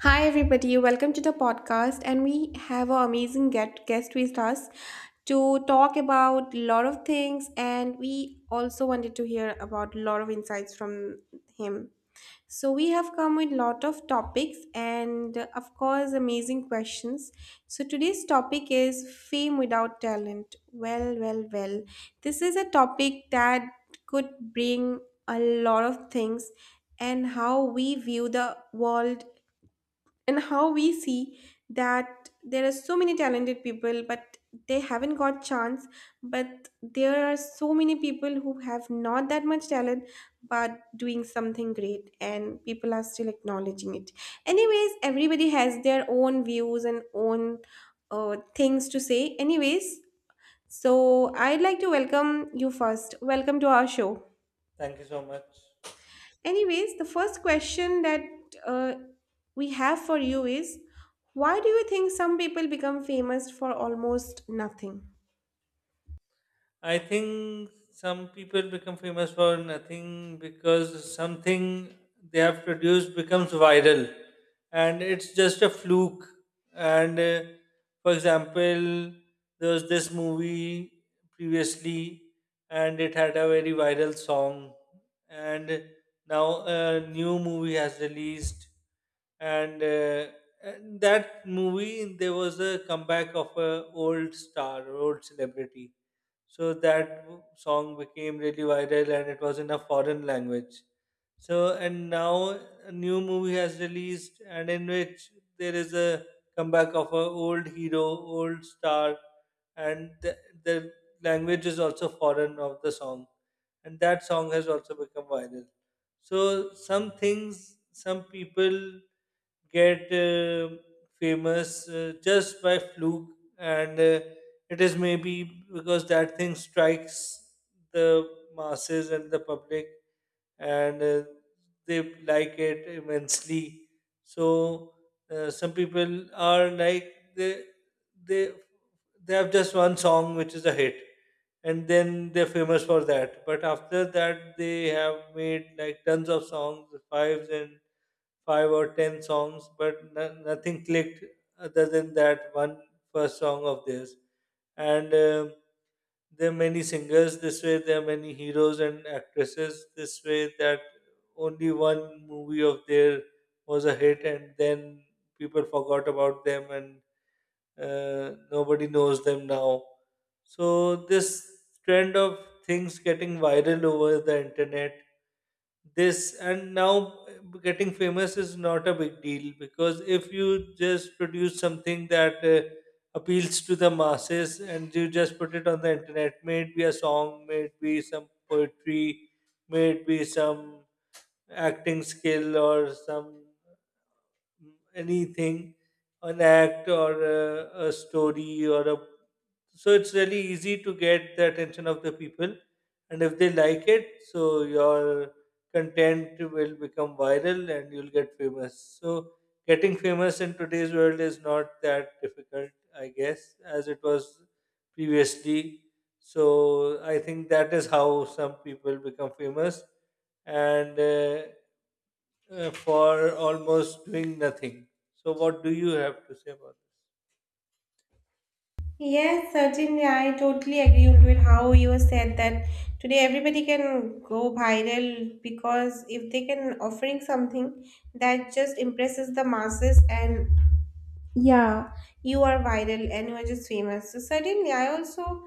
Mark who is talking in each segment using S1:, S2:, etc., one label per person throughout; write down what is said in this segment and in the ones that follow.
S1: Hi, everybody. Welcome to the podcast. And we have an amazing guest with us to talk about a lot of things. And we also wanted to hear about a lot of insights from him. So we have come with lot of topics and, of course, amazing questions. So today's topic is fame without talent. Well, well, well. This is a topic that could bring a lot of things and how we view the world and how we see that there are so many talented people, but they haven't got chance. But there are so many people who have not that much talent but doing something great, and people are still acknowledging it. Anyways, everybody has their own views and own things to say. Anyways, so I'd like to welcome you first. Welcome to our show.
S2: Thank you so much.
S1: Anyways, the first question that uh, we have for you is, why do you think some people become famous for almost nothing?
S2: I think some people become famous for nothing because something they have produced becomes viral and it's just a fluke. And For example, there was this movie previously and it had a very viral song, and now a new movie has released, and uh, and that movie there was a comeback of a old star or old celebrity, so that song became really viral and it was in a foreign language. And now a new movie has released, and in which there is a comeback of an old hero, old star, and the language is also foreign of the song. And that song has also become viral. So, some things, some people get famous just by fluke, and it is maybe because that thing strikes the masses and the public, and they like it immensely. So some people are like they they have just one song which is a hit and then they're famous for that, but after that they have made like tons of songs five or ten songs, but nothing clicked other than that one first song of theirs. And There are many singers this way, there are many heroes and actresses this way, that only one movie of theirs was a hit, and then people forgot about them and nobody knows them now. So, this trend of things getting viral over the internet this and now getting famous is not a big deal, because if you just produce something that appeals to the masses and you just put it on the internet, may it be a song, may it be some poetry, may it be some acting skill or some anything, an act or a story or a. So it's really easy to get the attention of the people, and if they like it, so your content will become viral and you'll get famous. So getting famous in today's world is not that difficult, I guess, as it was previously. So I think that is how some people become famous, and for almost doing nothing. So, what do you have to say about this?
S1: Yes, certainly. I totally agree with how you said that today everybody can go viral because if they can offering something that just impresses the masses and yeah, you are viral and you are just famous. So certainly, I also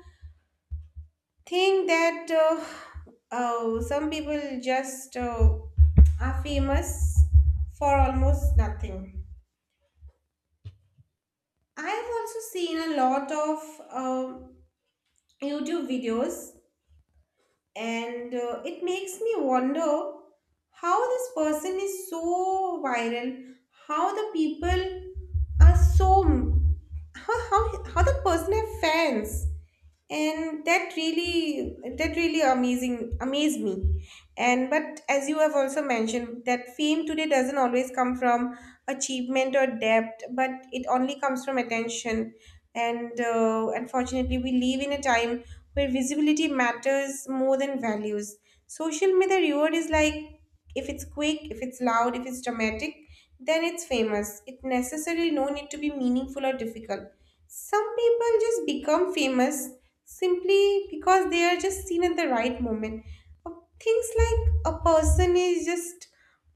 S1: think that oh, some people just are famous for almost nothing. I have also seen a lot of um YouTube videos, and it makes me wonder how this person is so viral, how the people are so, how the person have fans, and that really, that really amazing amazed me. And but as you have also mentioned that fame today doesn't always come from achievement or depth, but it only comes from attention. And unfortunately, we live in a time where visibility matters more than values. Social media reward is like, if it's quick, if it's loud, if it's dramatic, then it's famous. It necessarily no need to be meaningful or difficult. Some people just become famous simply because they are just seen at the right moment. Uh, Things like a person is just,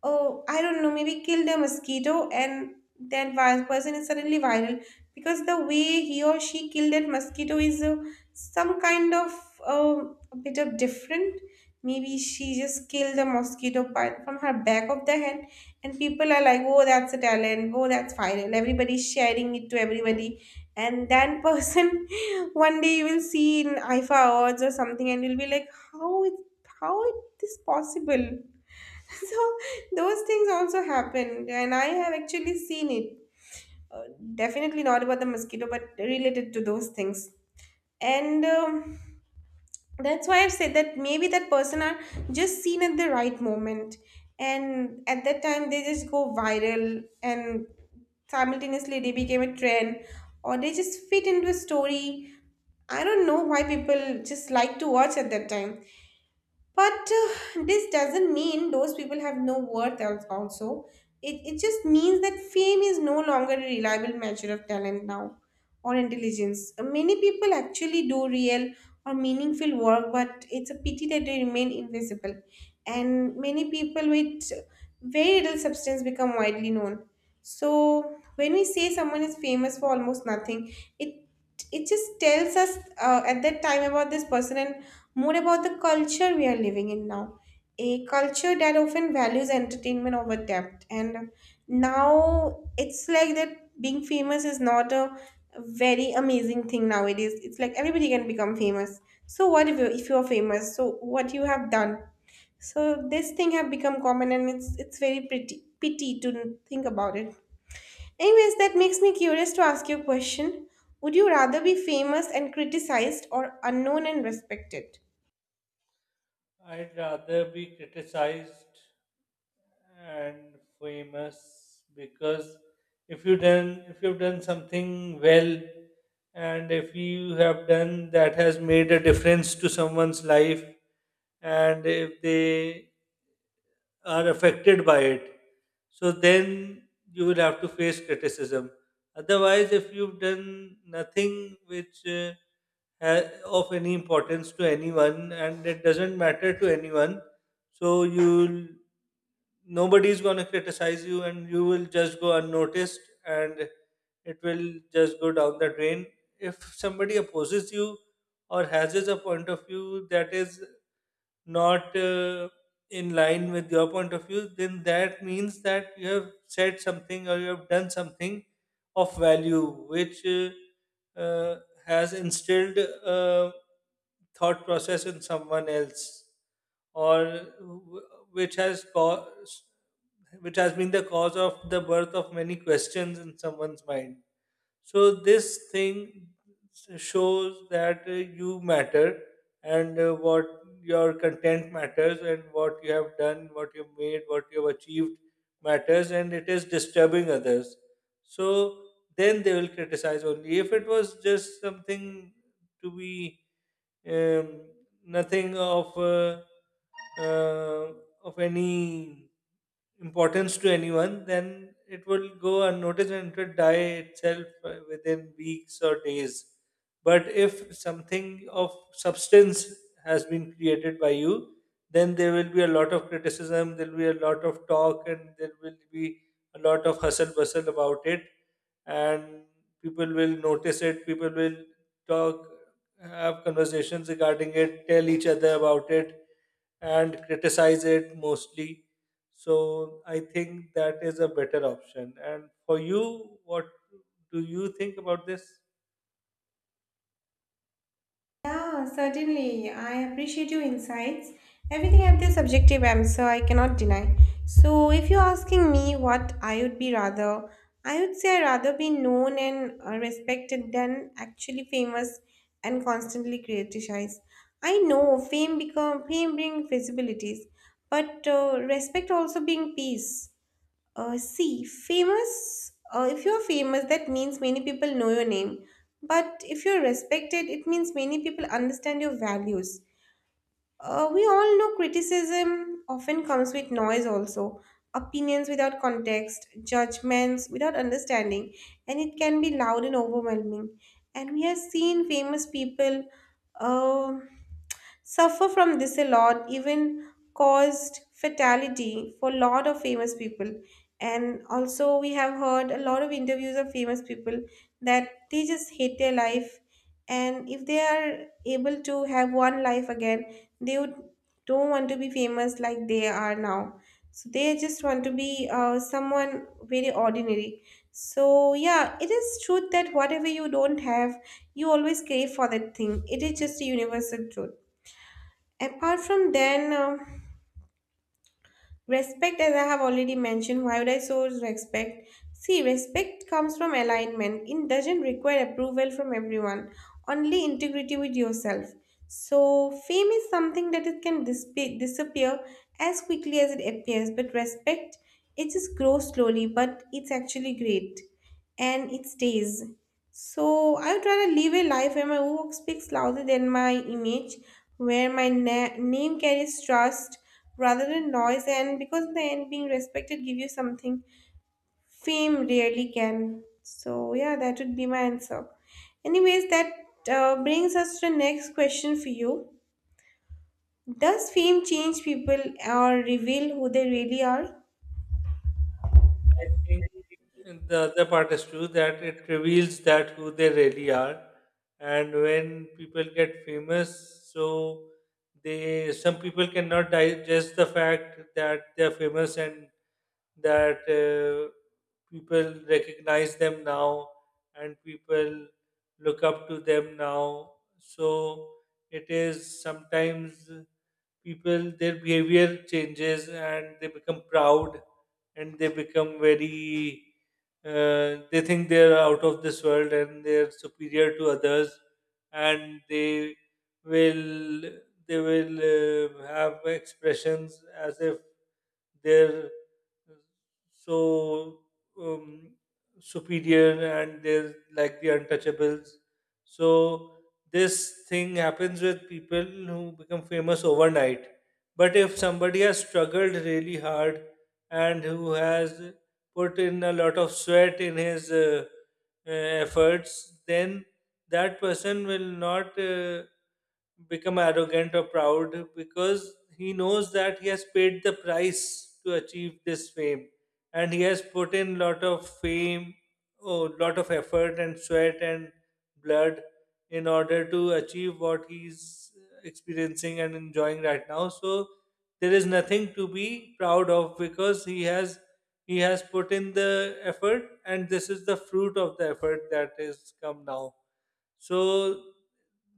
S1: oh, I don't know, maybe killed a mosquito, and that person is suddenly viral because the way he or she killed that mosquito is some kind of uh, a bit of different. Maybe she just killed the mosquito by, from her back of the hand, and people are like, oh, that's a talent, oh, that's viral. Everybody's sharing it to everybody, and that person one day you will see in IFA awards or something, and you'll be like, how it, how is this possible? So those things also happened, and I have actually seen it. Uh, Definitely not about the mosquito, but related to those things. And that's why I've said that maybe that person are just seen at the right moment. And at that time, they just go viral, and simultaneously they became a trend, or they just fit into a story. I don't know why people just like to watch at that time. But this doesn't mean those people have no worth also. It just means that fame is no longer a reliable measure of talent now or intelligence. Many people actually do real or meaningful work, but it's a pity that they remain invisible. And many people with very little substance become widely known. So when we say someone is famous for almost nothing, it it just tells us at that time about this person and more about the culture we are living in now. A culture that often values entertainment over depth. And now it's like that being famous is not a very amazing thing nowadays. It's like everybody can become famous. So what if you are famous? So what you have done? So this thing have become common, and it's very pretty pity to think about it. Anyways, that makes me curious to ask you a question. Would you rather be famous and criticized or unknown and respected?
S2: I'd rather be criticized and famous, because if you've done something well, and if you have done that has made a difference to someone's life, and if they are affected by it. So then you will have to face criticism. Otherwise, if you've done nothing which of any importance to anyone and it doesn't matter to anyone, so you'll nobody's going to criticize you and you will just go unnoticed, and it will just go down the drain. If somebody opposes you or has a point of view that is not in line with your point of view, then that means that you have said something or you have done something of value, which uh, has instilled a thought process in someone else, or w- which has caused, which has been the cause of the birth of many questions in someone's mind. So this thing shows that you matter, and what your content matters and what you have done, what you've made, what you've achieved matters, and it is disturbing others. So then they will criticize only. If it was just something to be um, nothing of uh, of any importance to anyone, then it will go unnoticed and it will die itself within weeks or days. But if something of substance has been created by you, then there will be a lot of criticism, there will be a lot of talk, and there will be a lot of hustle bustle about it. And people will notice it, people will talk, have conversations regarding it, tell each other about it, and criticize it mostly. So I think that is a better option. And for you, what do you think about this?
S1: Yeah, certainly. I appreciate your insights. Everything has their subjective end, so I cannot deny. So, if you're asking me what I would be rather, I would say I'd rather be known and respected than actually famous and constantly criticized. I know fame become fame bring visibilities, but respect also bring peace. See, famous, if you're famous, that means many people know your name. But if you're respected, it means many people understand your values. We all know criticism often comes with noise, also. Opinions without context, judgments without understanding, and it can be loud and overwhelming. And we have seen famous people. Uh, Suffer from this a lot, even caused fatality for a lot of famous people. And also we have heard a lot of interviews of famous people that they just hate their life, and if they are able to have one life again, they would don't want to be famous like they are now. So they just want to be someone very ordinary. So yeah, it is truth that whatever you don't have, you always crave for that thing. It is just a universal truth. Apart from then, respect, as I have already mentioned, why would I so respect? See, respect comes from alignment. It doesn't require approval from everyone, only integrity with yourself. So, fame is something that it can disappear as quickly as it appears, but respect, it just grows slowly, but it's actually great, and it stays. So, I would rather live a life where my work speaks louder than my image, where my name carries trust rather than noise, and because in the end being respected give you something fame rarely can. So yeah, that would be my answer. Anyways, that brings us to the next question for you. Does fame change people or reveal who they really are?
S2: I think the other part is true, that it reveals that who they really are, and when people get famous, so they some people cannot digest the fact that they are famous and that people recognize them now and people look up to them now. So it is sometimes people their behavior changes and they become proud, and they become very they think they are out of this world and they are superior to others, and will they will have expressions as if they're so um, superior and they're like the untouchables. So this thing happens with people who become famous overnight, but if somebody has struggled really hard and who has put in a lot of sweat in his efforts, then that person will not become arrogant or proud, because he knows that he has paid the price to achieve this fame, and he has put in lot of fame, oh, lot of effort and sweat and blood in order to achieve what he's experiencing and enjoying right now. So there is nothing to be proud of, because he has put in the effort and this is the fruit of the effort that has come now. So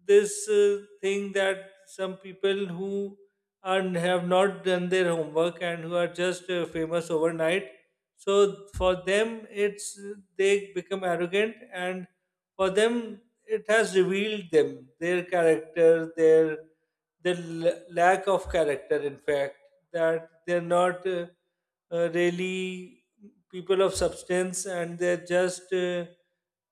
S2: this thing that some people who have not done their homework and who are just famous overnight, so for them it's they become arrogant, and for them it has revealed them their character, their the lack of character. In fact, that they're not really people of substance, and they're just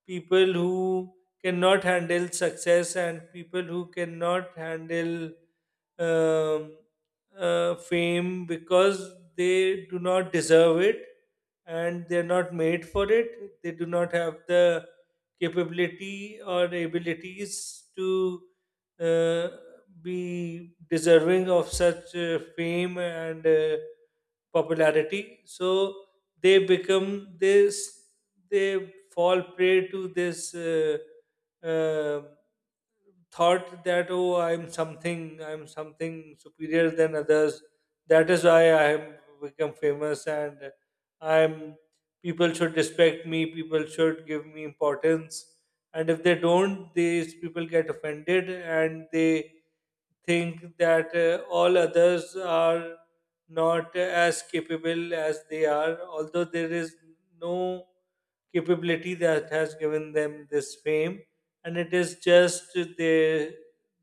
S2: people who cannot handle success and people who cannot handle um, fame, because they do not deserve it and they're not made for it. They do not have the capability or abilities to uh, be deserving of such fame and popularity. So they become this, they fall prey to this. Uh, Thought that oh, I'm something, I'm something superior than others, that is why I have become famous, and I'm people should respect me, people should give me importance, and if they don't, these people get offended, and they think that all others are not as capable as they are, although there is no capability that has given them this fame, and it is just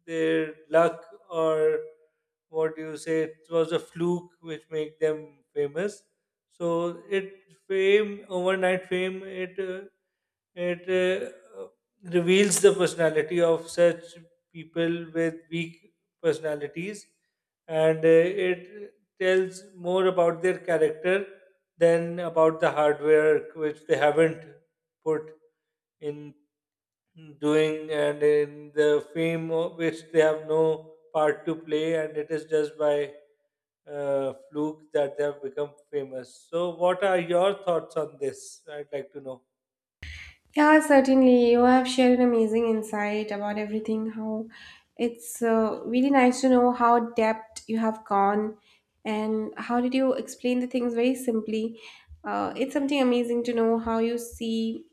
S2: their luck, or what do you say? It was a fluke which made them famous. So it fame overnight fame it it uh, reveals the personality of such people with weak personalities, and it tells more about their character then about the hardware which they haven't put in doing, and in the fame of which they have no part to play, and it is just by fluke that they have become famous. So what are your thoughts on this? I'd like to know.
S1: Yeah, certainly. You have shared an amazing insight about everything. How it's really nice to know how depth you have gone and how did you explain the things very simply. It's something amazing to know how you see,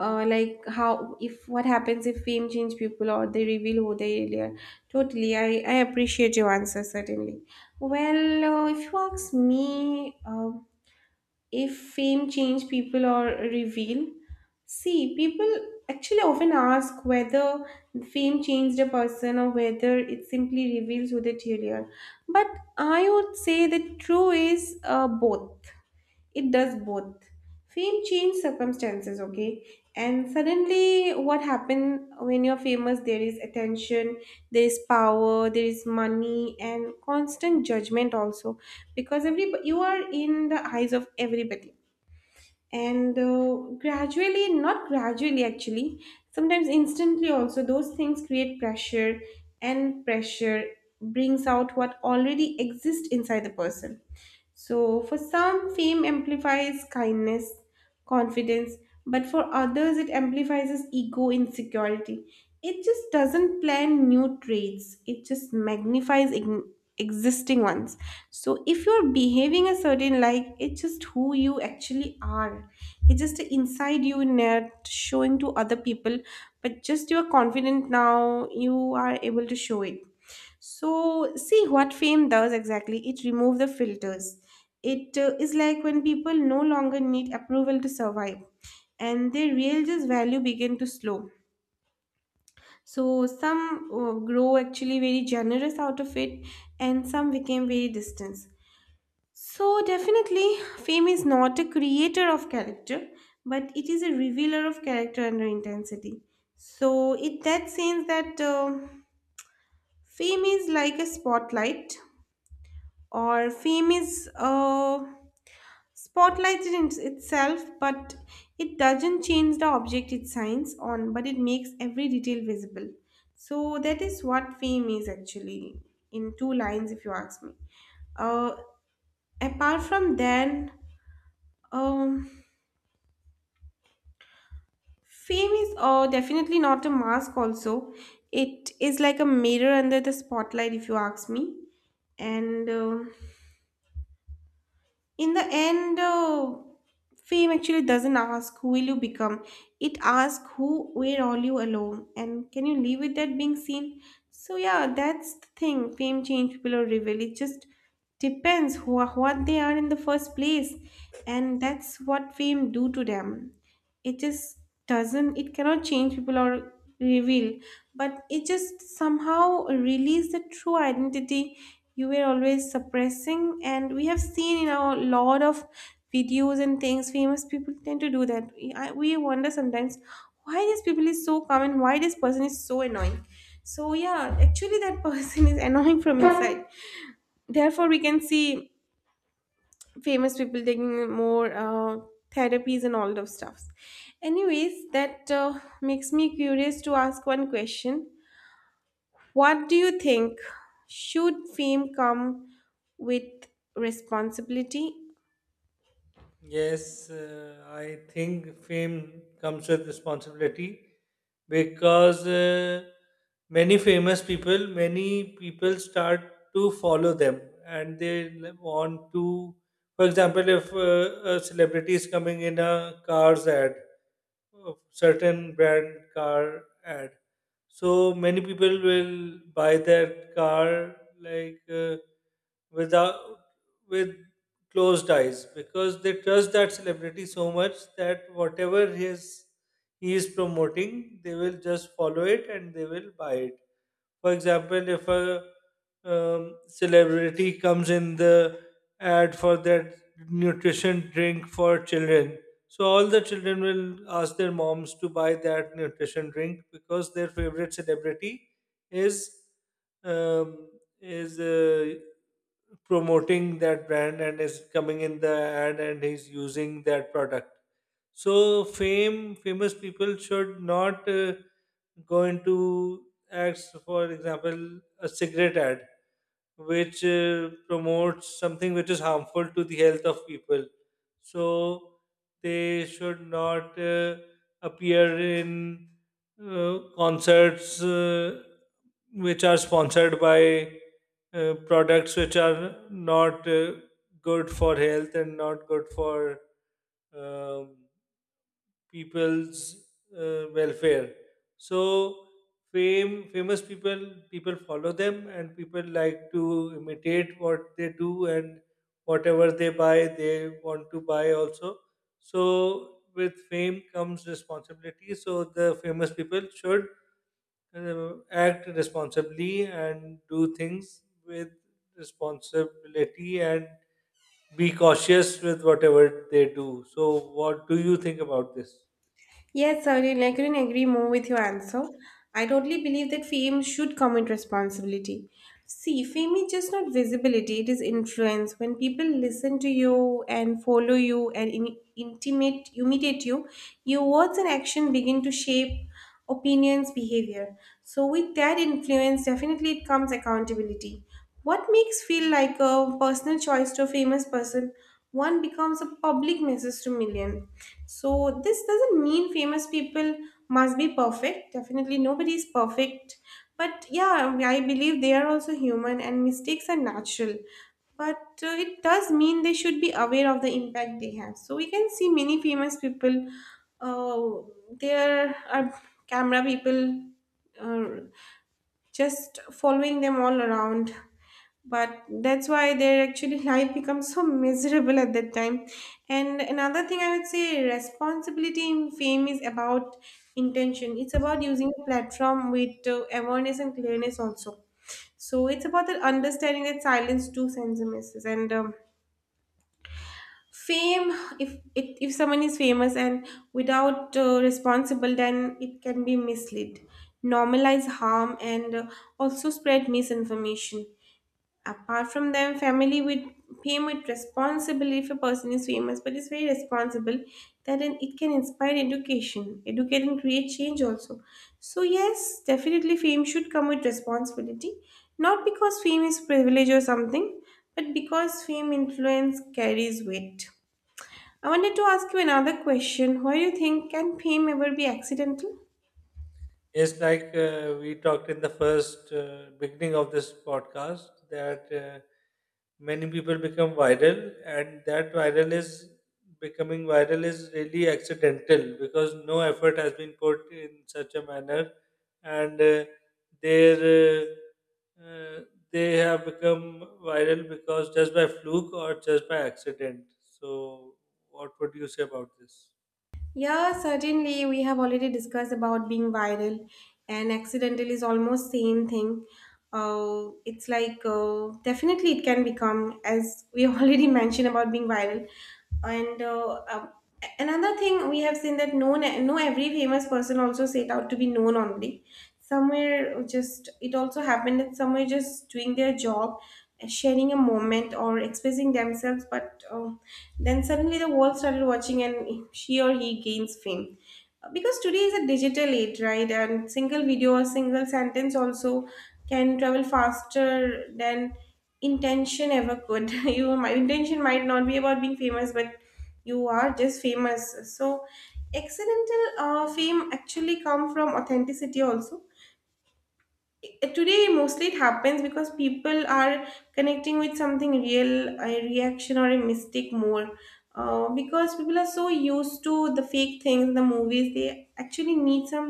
S1: like how if what happens if fame change people or they reveal who they really are. Totally I appreciate your answer certainly. Well, if you ask me, if fame change people or reveal, see people actually often ask whether fame changed a person or whether it simply reveals who they truly are. But I would say the true is both. It does both. Fame changes circumstances, okay? And suddenly, what happened when you're famous? There is attention, there is power, there is money, and constant judgment also, because every you are in the eyes of everybody. And gradually, not gradually actually, sometimes instantly also, those things create pressure, and pressure brings out what already exists inside the person. So, for some, fame amplifies kindness, confidence, but for others, it amplifies ego insecurity. It just doesn't plan new traits, it just magnifies ign existing ones. So, if you're behaving a certain like, it's just who you actually are. It's just inside you, not showing to other people, but just you are confident now, you are able to show it. So, see what fame does exactly. It removes the filters. It is like when people no longer need approval to survive, and their real just value begin to slow. So, some grow actually very generous out of it, and some became very distant. So, definitely, fame is not a creator of character, but it is a revealer of character under intensity. So, it that sense that fame is like a spotlight, or fame is spotlighted in itself, but it doesn't change the object it shines on, but it makes every detail visible. So that is what fame is actually, in two lines if you ask me. uh, Apart from then, um, fame is definitely not a mask also. It is like a mirror under the spotlight, if you ask me. And in the end, fame actually doesn't ask who will you become. It asks who, where are you alone, and can you live with that being seen? So yeah, that's the thing. Fame change people or reveal, it just depends who are, what they are in the first place, and that's what fame do to them. It just doesn't, it cannot change people or reveal, but it just somehow release the true identity you were always suppressing. And we have seen in our lot of videos and things famous people tend to do, that we wonder sometimes why this people is so common, why this person is so annoying. So yeah, actually that person is annoying from inside. Therefore we can see famous people taking more therapies and all those stuffs. Anyways, that makes me curious to ask one question. What do you think? Should fame come with responsibility?
S2: Yes, I think fame comes with responsibility, because many famous people, many people start to follow them, and they want to. For example, if a celebrity is coming in a car's ad, a certain brand car ad, so many people will buy that car like without with closed eyes, because they trust that celebrity so much that whatever his he is promoting, they will just follow it and they will buy it. For example, if a celebrity comes in the ad for that nutrition drink for children, so all the children will ask their moms to buy that nutrition drink, because their favorite celebrity is um, is uh, promoting that brand and is coming in the ad and he's using that product. So fame, famous people should not go into acts, for example, a cigarette ad, which promotes something which is harmful to the health of people. So they should not appear in concerts which are sponsored by products which are not good for health and not good for um, people's welfare. So fame famous people, people follow them and people like to imitate what they do, and whatever they buy they want to buy also. So with fame comes responsibility, so the famous people should act responsibly and do things with responsibility and be cautious with whatever they do. So what do you think about this?
S1: Yes, certainly. I couldn't agree more with your answer. I totally believe that fame should come with responsibility. See, fame is just not visibility, it is influence. When people listen to you and follow you and imitate you, your words and action begin to shape opinions, behavior. So, with that influence, definitely it comes accountability. What makes feel like a personal choice to a famous person? One becomes a public message to millions, so this doesn't mean famous people must be perfect. Definitely nobody is perfect. But yeah, I believe they are also human and mistakes are natural. But it does mean they should be aware of the impact they have. So we can see many famous people. Uh, there are camera people, uh, just following them all around, but that's why their actually life becomes so miserable at that time. And another thing I would say, responsibility in fame is about intention. It's about using a platform with awareness and clearness also. So it's about the understanding that silence too sends a message. And fame, if someone is famous and without responsible, then it can be mislead, normalize harm, and also spread misinformation. Apart from them, family with fame, with responsibility, if a person is famous but is very responsible, that then it can inspire education, educate and create change also. So yes, definitely fame should come with responsibility, not because fame is privilege or something, but because fame influence carries weight. I wanted to ask you another question. Why do you think can fame ever be accidental?
S2: It's like we talked in the first beginning of this podcast that many people become viral, and that viral is becoming viral is really accidental, because no effort has been put in such a manner, and their uh, they have become viral because just by fluke or just by accident. So, what would you say about this?
S1: Yeah, certainly. We have already discussed about being viral, and accidental is almost same thing. It's like definitely it can become, as we already mentioned about being viral. And another thing we have seen, that no, every famous person also set out to be known only. Somewhere just it also happened that somewhere just doing their job, sharing a moment or expressing themselves, but. Then suddenly the world started watching, and she or he gains fame. Because today is a digital age, right? And single video or single sentence also can travel faster than intention ever could. You, my intention might not be about being famous, but you are just famous. So, accidental fame actually come from authenticity also. Today mostly it happens because people are connecting with something real, a reaction or a mistake more, because people are so used to the fake things, the movies, they actually need some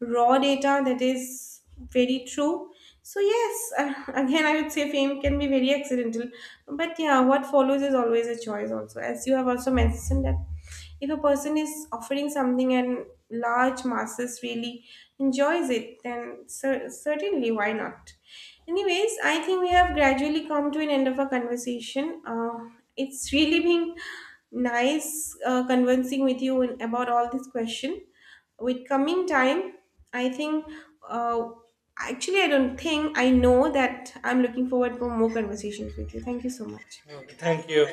S1: raw data that is very true. So yes, again I would say fame can be very accidental, but yeah, what follows is always a choice also, as you have also mentioned, that if a person is offering something and large masses really enjoys it, then certainly why not? Anyways, I think we have gradually come to an end of our conversation. It's really been nice conversing with you about all this question. With coming time, I think, uh, actually, I don't think, I know that I'm looking forward for more conversations with you. Thank you so much.
S2: Okay, thank you.